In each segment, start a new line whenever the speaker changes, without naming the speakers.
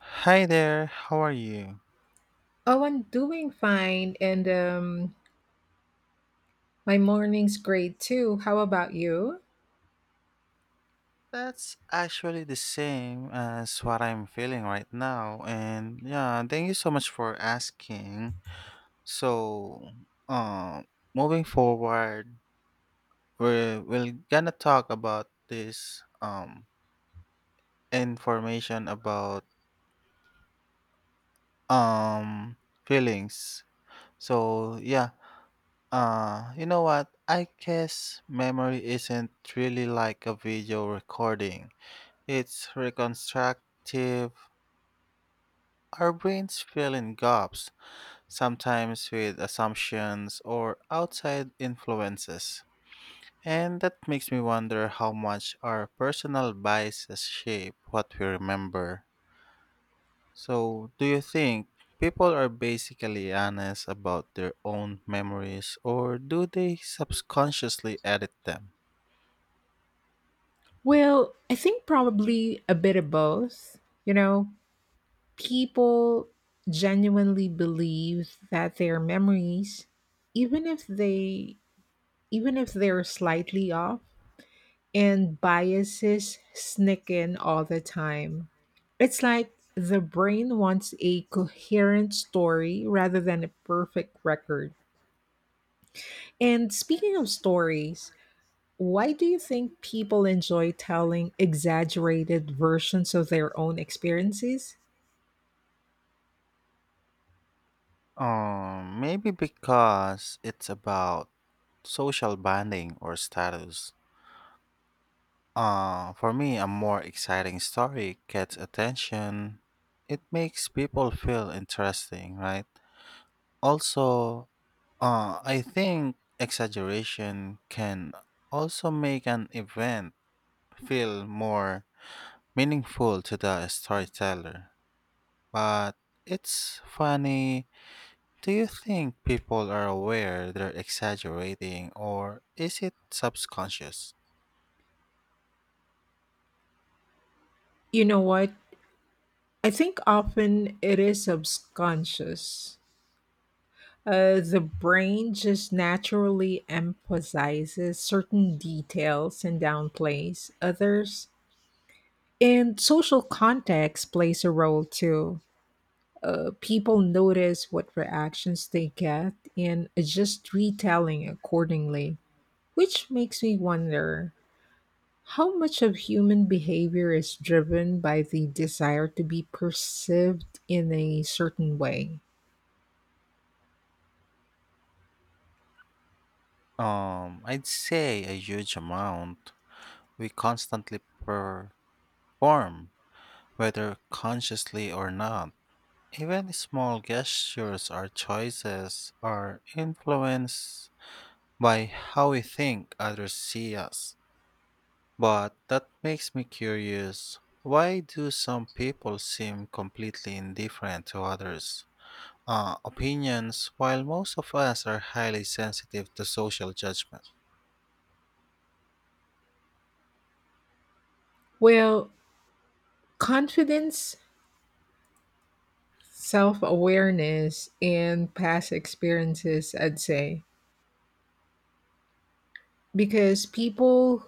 Hi there, how are you?
Oh, I'm doing fine, and my morning's great too. How about you?
That's actually the same as what I'm feeling right now. And yeah, thank you so much for asking. So, um, Moving forward, we're gonna talk about this information about um feelings. So, yeah, you know what? I guess memory isn't really like a video recording. It's reconstructive. Our brains fill in gaps, sometimes with assumptions or outside influences. And that makes me wonder how much our personal biases shape what we remember. So, do you think people are basically honest about their own memories, or do they subconsciously edit them?
Well, I think probably a bit of both. You know, people genuinely believe that their memories, even if they even if they're slightly off, and biases sneak in all the time. It's like the brain wants a coherent story rather than a perfect record. And speaking of stories, why do you think people enjoy telling exaggerated versions of their own experiences?
Maybe because it's about social bonding or status. For me, a more exciting story gets attention. It makes people feel interesting, right? Also, I think exaggeration can also make an event feel more meaningful to the storyteller. But it's funny. Do you think people are aware they're exaggerating, or is it subconscious?
You know what? I think often it is subconscious. The brain just naturally emphasizes certain details and downplays others. And social context plays a role too. People notice what reactions they get and adjust retelling accordingly. Which makes me wonder how much of human behavior is driven by the desire to be perceived in a certain way.
I'd say a huge amount. We constantly perform, whether consciously or not. Even small gestures or choices are influenced by how we think others see us. But that makes me curious. Why do some people seem completely indifferent to others' opinions, while most of us are highly sensitive to social judgment?
Well, confidence, self awareness, and past experiences, I'd say. Because people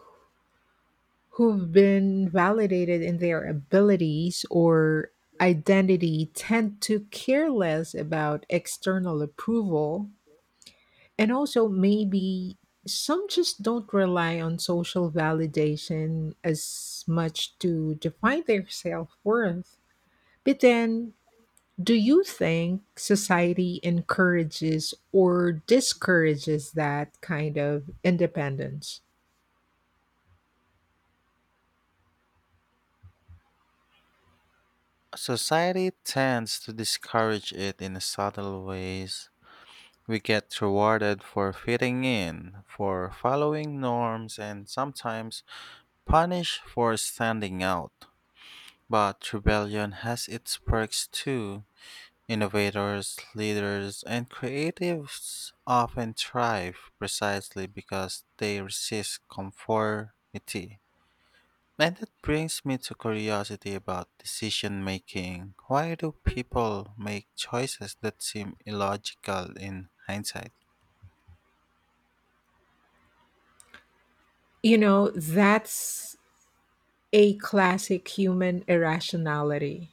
who've been validated in their abilities or identity tend to care less about external approval. And also, maybe some just don't rely on social validation as much to define their self worth. But then, do you think society encourages or discourages that kind of independence?
Society tends to discourage it in subtle ways. We get rewarded for fitting in, for following norms, and sometimes punished for standing out. But rebellion has its perks too. Innovators, leaders, and creatives often thrive precisely because they resist conformity. And that brings me to curiosity about decision making. Why do people make choices that seem illogical in hindsight?
That's a classic human irrationality.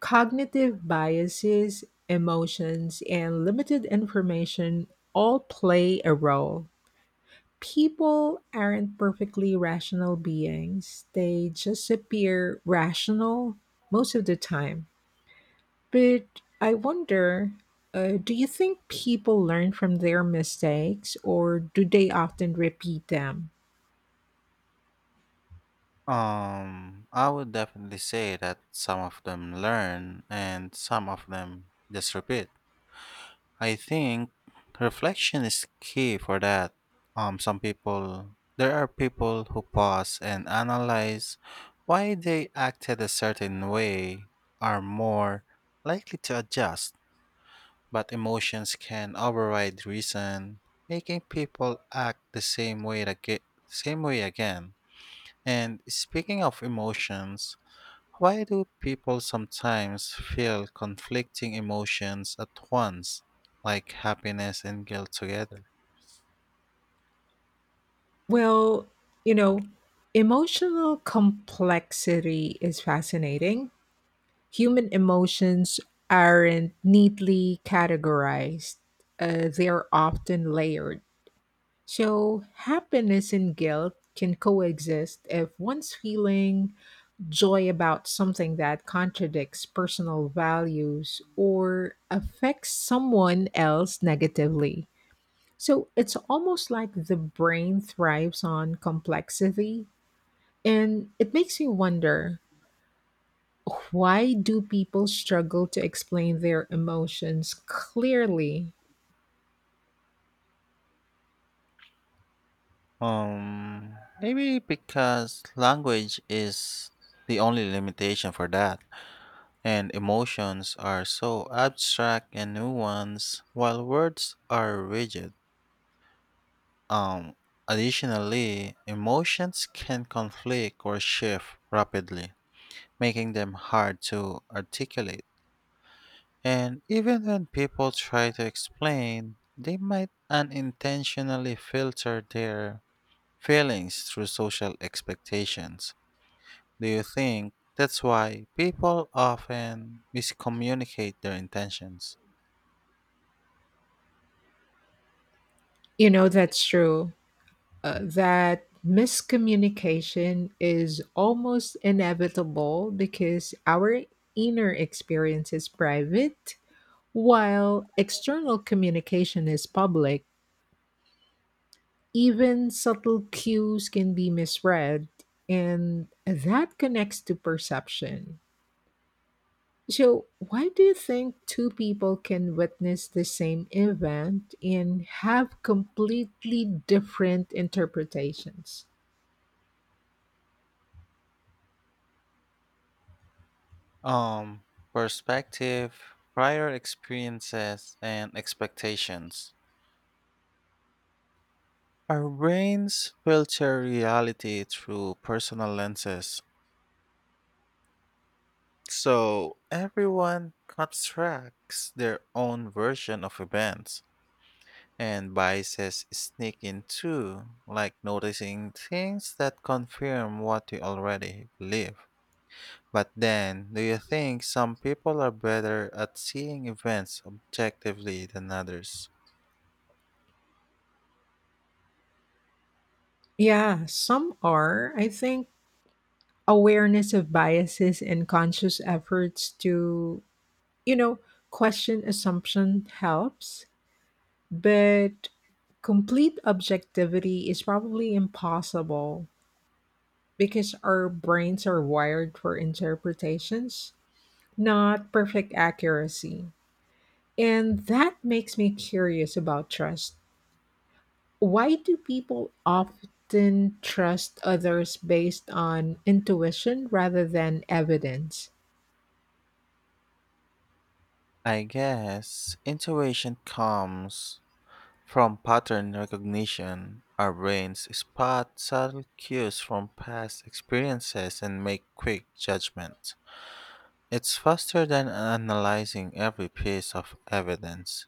Cognitive biases, emotions, and limited information all play a role. People aren't perfectly rational beings, they just appear rational most of the time. But I wonder, do you think people learn from their mistakes or do they often repeat them?
I would definitely say that some of them learn and some of them just repeat. I think reflection is key for that. Some people, there are people who pause and analyze why they acted a certain way, are more likely to adjust, but emotions can override reason, making people act the same way again. Same way again. And speaking of emotions, why do people sometimes feel conflicting emotions at once, like happiness and guilt together?
Well, you know, emotional complexity is fascinating. Human emotions aren't neatly categorized, they're often layered. So, happiness and guilt can coexist if one's feeling joy about something that contradicts personal values or affects someone else negatively. So, it's almost like the brain thrives on complexity, and it makes me wonder, why do people struggle to explain their emotions clearly?
Um, Maybe because language is the only limitation for that, and emotions are so abstract and nuanced, while words are rigid. Um, Additionally, emotions can conflict or shift rapidly, making them hard to articulate. And even when people try to explain, they might unintentionally filter their feelings through social expectations. Do you think that's why people often miscommunicate their intentions?
That's true. That miscommunication is almost inevitable because our inner experience is private, while external communication is public. Even subtle cues can be misread, and that connects to perception. So, why do you think two people can witness the same event and have completely different interpretations?
Um, Perspective, prior experiences, and expectations. Our brains filter reality through personal lenses, so everyone constructs their own version of events, and biases sneak in too, like noticing things that confirm what you already believe. But then, do you think some people are better at seeing events objectively than others?
Yeah, some are, I think, awareness of biases and conscious efforts to, you know, question assumption helps, but complete objectivity is probably impossible because our brains are wired for interpretations, not perfect accuracy. And that makes me curious about trust. Why do people often trust others based on intuition rather than evidence?
I guess intuition comes from pattern recognition. Our brains spot subtle cues from past experiences and make quick judgments. It's faster than analyzing every piece of evidence.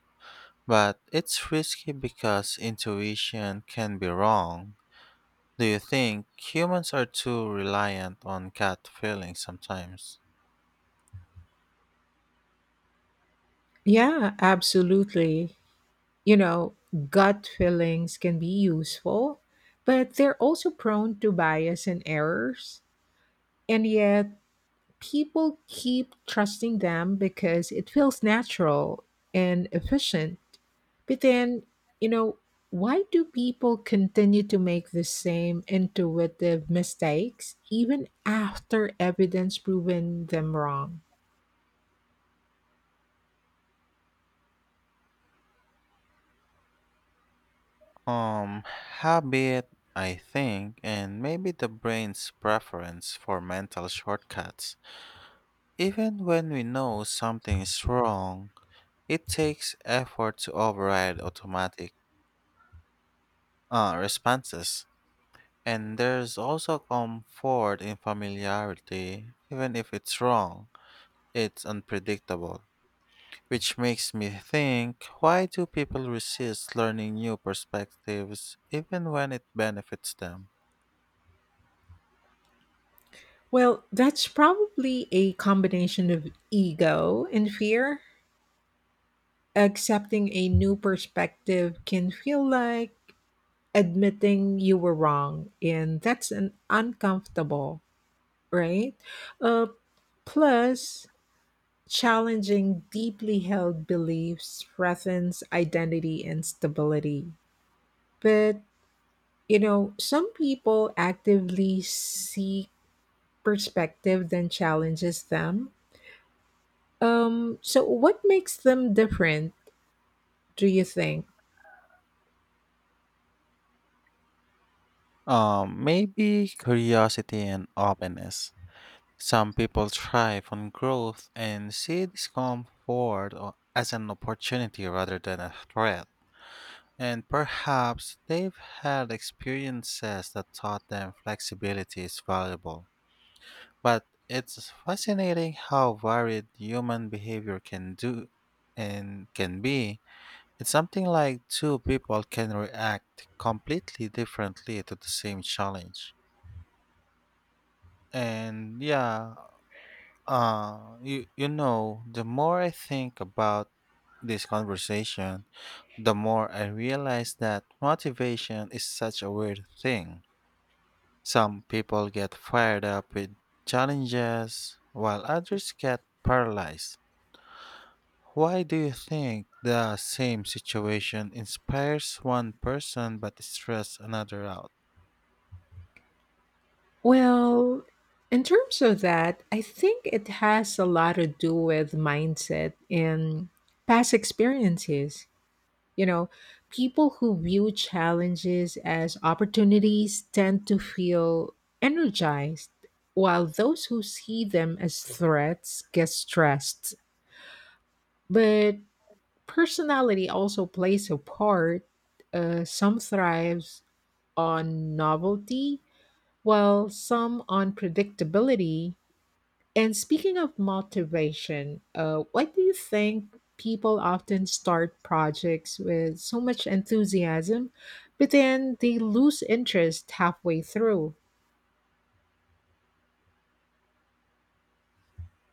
But it's risky because intuition can be wrong. Do you think humans are too reliant on gut feeling sometimes?
Yeah, absolutely. you know, gut feelings can be useful, but they're also prone to bias and errors. And yet, people keep trusting them because it feels natural and efficient. But then, you know, why do people continue to make the same intuitive mistakes even after evidence proven them wrong?
Um, Habit, I think, and maybe the brain's preference for mental shortcuts. Even when we know something is wrong, it takes effort to override automatic responses. And there's also comfort in familiarity. Even if it's wrong, it's unpredictable. Which makes me think, why do people resist learning new perspectives even when it benefits them?
Well, that's probably a combination of ego and fear. Accepting a new perspective can feel like admitting you were wrong, and that's an uncomfortable, right? Uh, plus, challenging deeply held beliefs threatens identity and stability. But, some people actively seek perspective that challenges them. So, what makes them different, do you think?
Maybe curiosity and openness. Some people thrive on growth and see as an opportunity rather than a threat. And perhaps they've had experiences that taught them flexibility is valuable. But it's fascinating how varied human behavior can do and can be. It's something like two people can react completely differently to the same challenge. And yeah, the more I think about this conversation, the more I realize that motivation is such a weird thing. Some people get fired up with challenges, while others get paralyzed. Why do you think the same situation inspires one person but stress another out?
Well, in terms of that, I think it has a lot to do with mindset and past experiences. You know, people who view challenges as opportunities tend to feel energized, while those who see them as threats get stressed. But personality also plays a part. Some thrives on novelty, while some on predictability. And speaking of motivation, why do you think people often start projects with so much enthusiasm, but then they lose interest halfway through?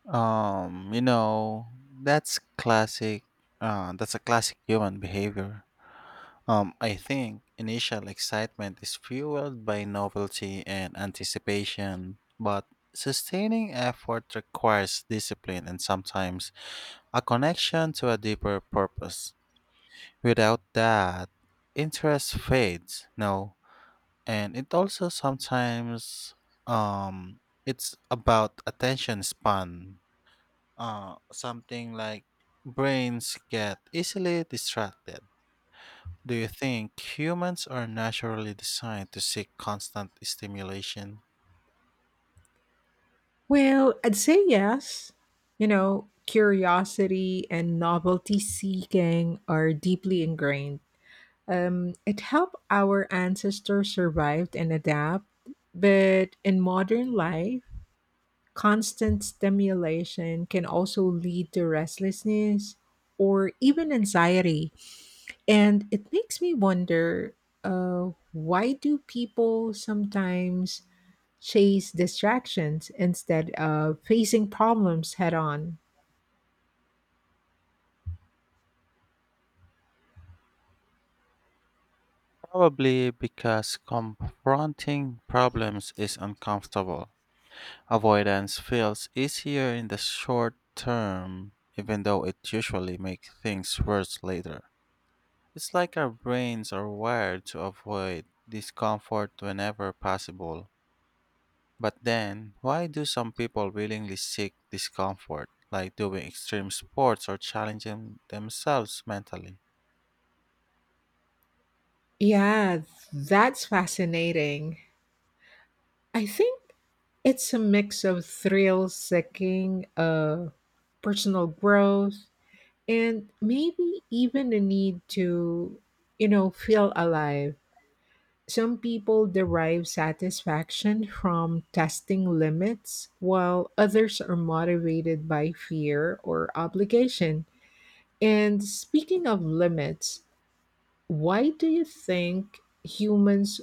Um, you know, that's classic. That's a classic human behavior. I think initial excitement is fueled by novelty and anticipation, but sustaining effort requires discipline and sometimes a connection to a deeper purpose. Without that, interest fades, no. And it also sometimes um it's about attention span. Something like brains get easily distracted. Do you think humans are naturally designed to seek constant stimulation?
Well, I'd say yes. Curiosity and novelty seeking are deeply ingrained. It helped our ancestors survive and adapt, but in modern life, constant stimulation can also lead to restlessness or even anxiety. And it makes me wonder, why do people sometimes chase distractions instead of facing problems head on?
Probably because confronting problems is uncomfortable. Avoidance feels easier in the short term, even though it usually makes things worse later. It's like our brains are wired to avoid discomfort whenever possible. But then, why do some people willingly seek discomfort, like doing extreme sports or challenging themselves mentally?
Yeah, that's fascinating. I think it's a mix of thrill seeking, personal growth, and maybe even a need to, feel alive. Some people derive satisfaction from testing limits, while others are motivated by fear or obligation. And speaking of limits, why do you think humans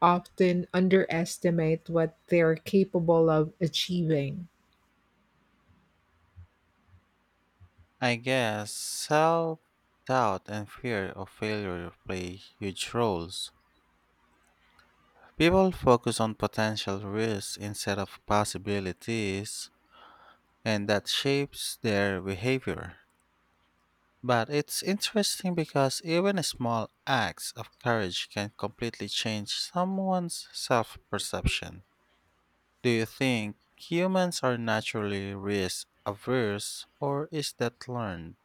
often underestimate what they're capable of achieving?
I guess self doubt and fear of failure play huge roles. People focus on potential risks instead of possibilities, and that shapes their behavior. But it's interesting because even small acts of courage can completely change someone's self perception. Do you think humans are naturally risk averse, or is that learned?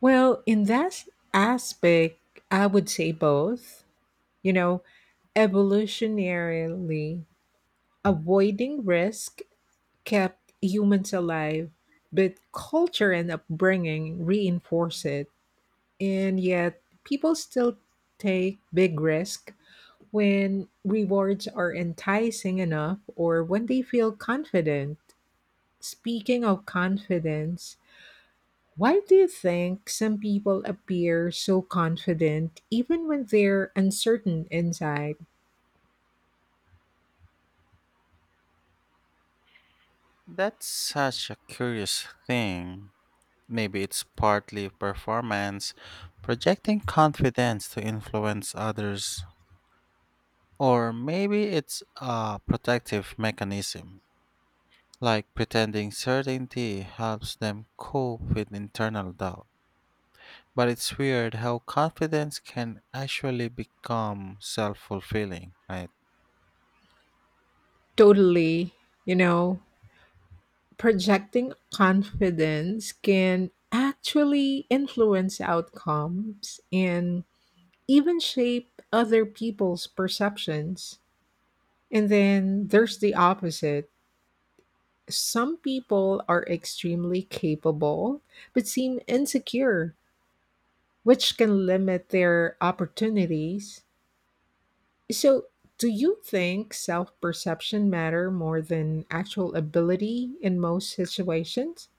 Well, in that aspect, I would say both. You know, evolutionarily, avoiding risk kept humans alive, but culture and upbringing reinforce it. And yet, people still take big risks when rewards are enticing enough or when they feel confident. Speaking of confidence, why do you think some people appear so confident even when they're uncertain inside?
That's such a curious thing. Maybe it's partly performance, projecting confidence to influence others, or maybe it's a protective mechanism, like pretending certainty helps them cope with internal doubt. But it's weird how confidence can actually become self fulfilling, right?
Totally, you know, projecting confidence can actually influence outcomes and even shape other people's perceptions. And then there's the opposite. Some people are extremely capable but seem insecure, which can limit their opportunities. So, do you think self perception matter more than actual ability in most situations?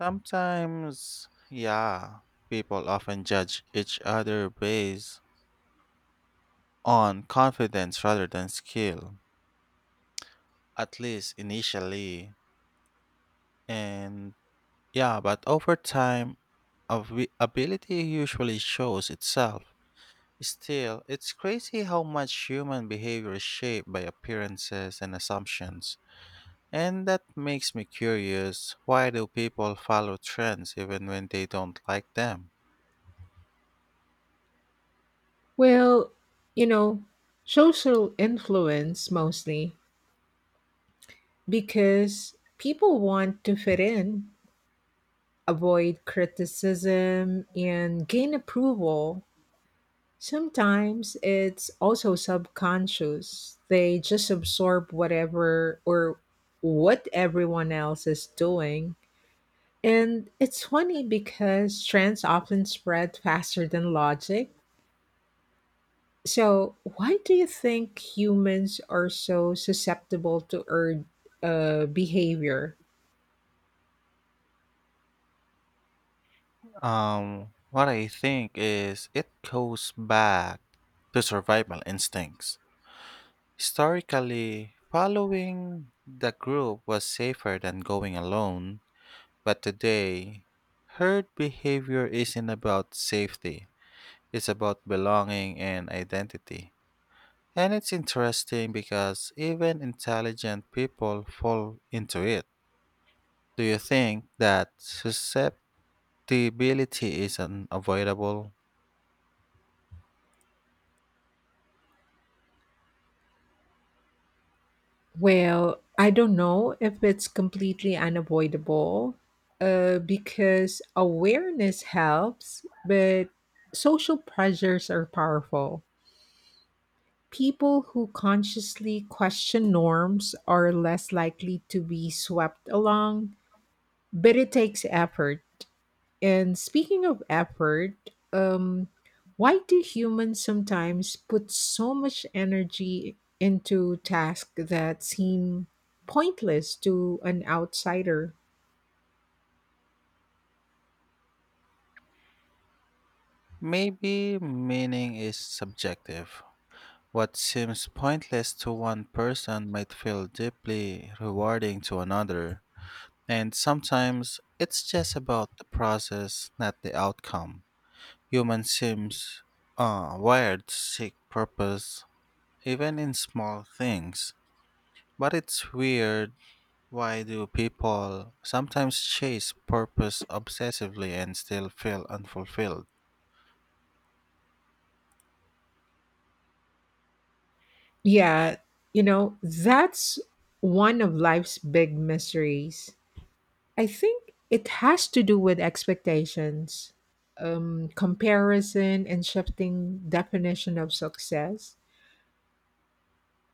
Sometimes, yeah, people often judge each other based on confidence rather than skill, at least initially. And yeah, but over time, ability usually shows itself. Still, it's crazy how much human behavior is shaped by appearances and assumptions. And that makes me curious, why do people follow trends even when they don't like them?
Well, you know, social influence mostly because people want to fit in, avoid criticism, and gain approval. Sometimes it's also subconscious. They just absorb whatever or what everyone else is doing. And it's funny because trends often spread faster than logic. So, why do you think humans are so susceptible to urge, behavior?
What I think is, it goes back to survival instincts. Historically, following the group was safer than going alone, but today, herd behavior isn't about safety, it's about belonging and identity. And it's interesting because even intelligent people fall into it. Do you think that susceptibility is unavoidable?
Well, I don't know if it's completely unavoidable, because awareness helps, but social pressures are powerful. People who consciously question norms are less likely to be swept along, but it takes effort. And speaking of effort, um, why do humans sometimes put so much energy into tasks that seem pointless to an outsider?
Maybe meaning is subjective. What seems pointless to one person might feel deeply rewarding to another, and sometimes it's just about the process, not the outcome. Human seems wired to seek purpose, even in small things. But it's weird. Why do people sometimes chase purpose obsessively and still feel unfulfilled?
Yeah, that's one of life's big mysteries. I think it has to do with expectations, comparison, and shifting definition of success.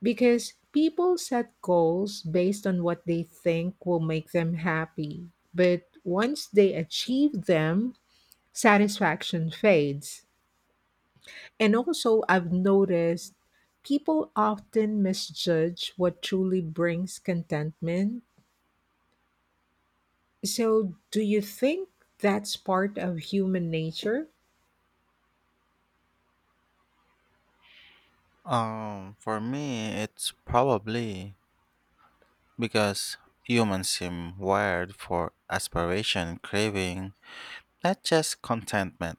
Because people set goals based on what they think will make them happy. But once they achieve them, satisfaction fades. And also, I've noticed people often misjudge what truly brings contentment. So, do you think that's part of human nature?
For me, it's probably because humans seem wired for aspiration, craving, not just contentment.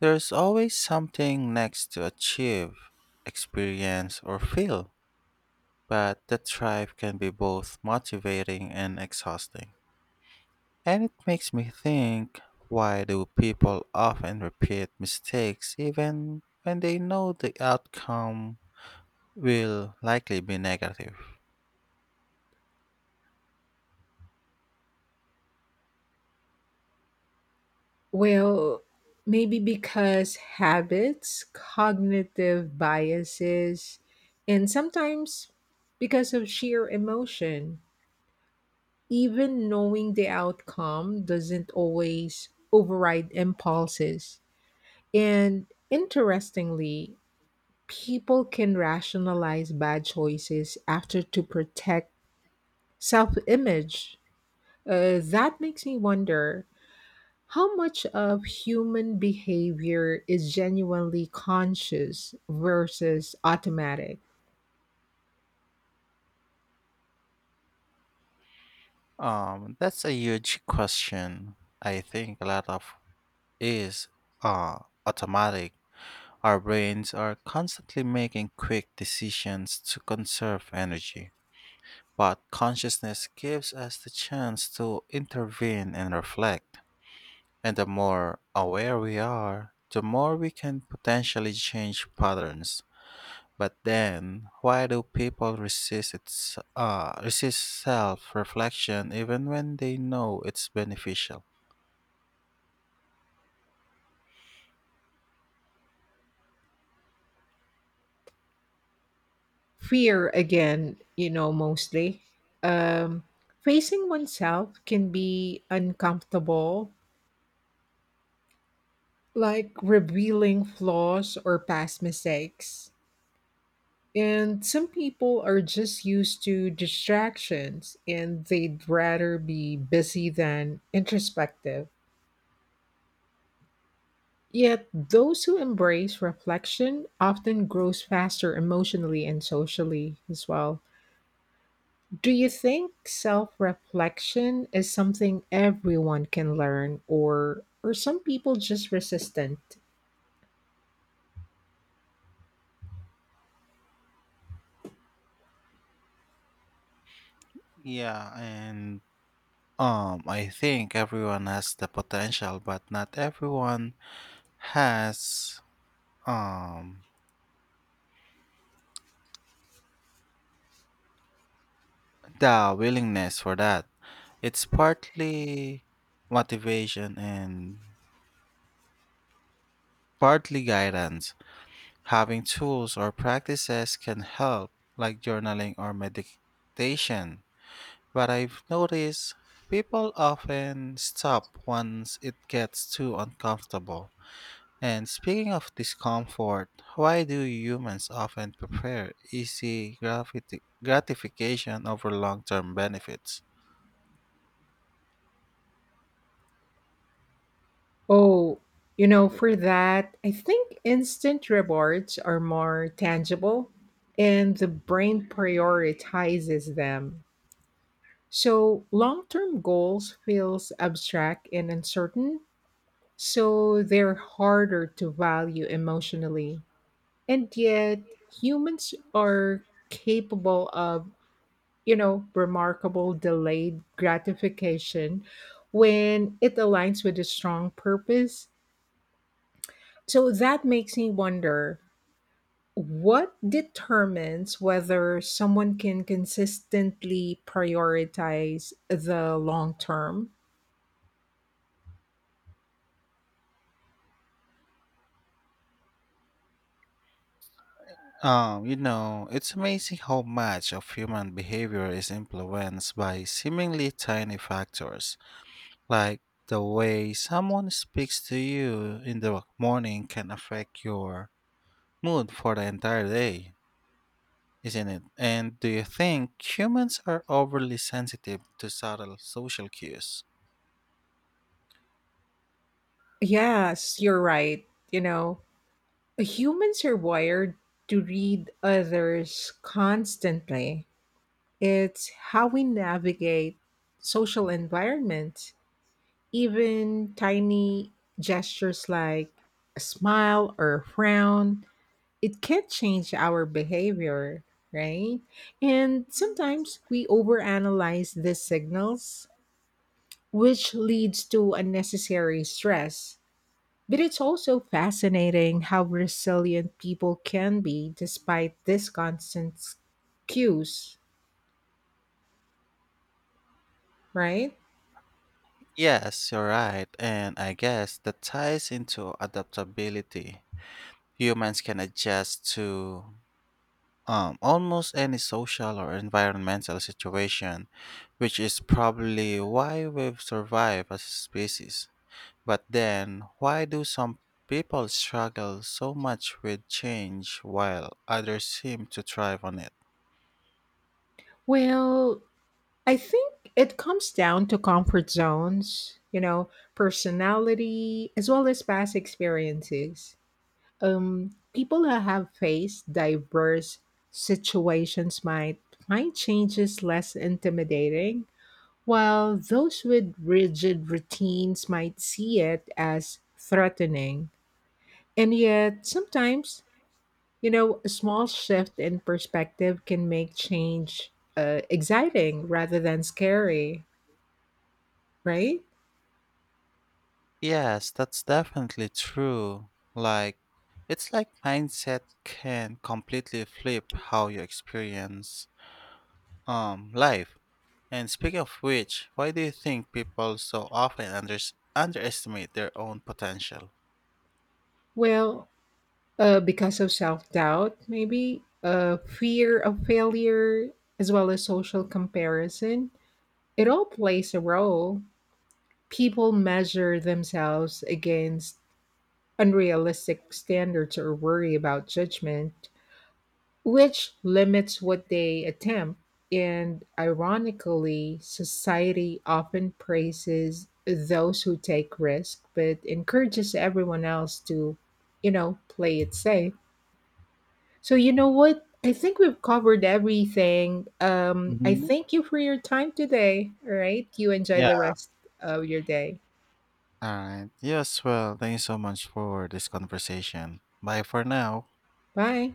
There's always something next to achieve, experience, or feel, but the drive can be both motivating and exhausting. And it makes me think, why do people often repeat mistakes even when they know the outcome will likely be negative?
Well, maybe because habits, cognitive biases, and sometimes because of sheer emotion. Even knowing the outcome doesn't always override impulses. And interestingly, people can rationalize bad choices after to protect self image. That makes me wonder, how much of human behavior is genuinely conscious versus automatic?
That's a huge question. I think a lot of is uh automatic. Our brains are constantly making quick decisions to conserve energy, but consciousness gives us the chance to intervene and reflect. And the more aware we are, the more we can potentially change patterns. But then, why do people resist self-reflection even when they know it's beneficial?
Fear, again, mostly. Um, facing oneself can be uncomfortable, like revealing flaws or past mistakes. And some people are just used to distractions and they'd rather be busy than introspective. Yet, those who embrace reflection often grows faster emotionally and socially as well. Do you think self-reflection is something everyone can learn or are some people just resistant?
Yeah, and I think everyone has the potential, but not everyone has um the willingness for that. It's partly motivation and partly guidance. Having tools or practices can help, like journaling or meditation. But I've noticed people often stop once it gets too uncomfortable. And speaking of discomfort, why do humans often prefer gratification over long term benefits?
Oh, for that, I think instant rewards are more tangible and the brain prioritizes them. So long-term goals feels abstract and uncertain, so they're harder to value emotionally. And yet humans are capable of, remarkable delayed gratification when it aligns with a strong purpose. So that makes me wonder, what determines whether someone can consistently prioritize the long term?
It's amazing how much of human behavior is influenced by seemingly tiny factors, like the way someone speaks to you in the morning can affect your mood for the entire day, isn't it? And do you think humans are overly sensitive to subtle social cues?
Yes, you're right. You know, humans are wired to read others constantly, it's how we navigate social environments, even tiny gestures like a smile or a frown, it can change our behavior, right? And sometimes we overanalyze these signals, which leads to unnecessary stress. But it's also fascinating how resilient people can be despite these constant cues, right?
Yes, you're right, and I guess that ties into adaptability. Humans can adjust to almost any social or environmental situation, which is probably why we've survived as a species. But then, why do some people struggle so much with change while others seem to thrive on it?
Well, I think it comes down to comfort zones, personality, as well as past experiences. People who have faced diverse situations might find changes less intimidating, while those with rigid routines might see it as threatening. And yet, sometimes, a small shift in perspective can make change, exciting rather than scary, right?
Yes, that's definitely true. Like, it's like mindset can completely flip how you experience life. And speaking of which, why do you think people so often underestimate their own potential?
Well, because of self doubt, maybe fear of failure, as well as social comparison. It all plays a role. People measure themselves against unrealistic standards or worry about judgment, which limits what they attempt. And ironically, society often praises those who take risk, but encourages everyone else to, play it safe. So you know what? I think we've covered everything. I
Mhm.
thank you for your time today. All right. You enjoy the
Yeah.
rest of your day.
All right. Yes, well, thank you so much for this conversation. Bye for now.
Bye.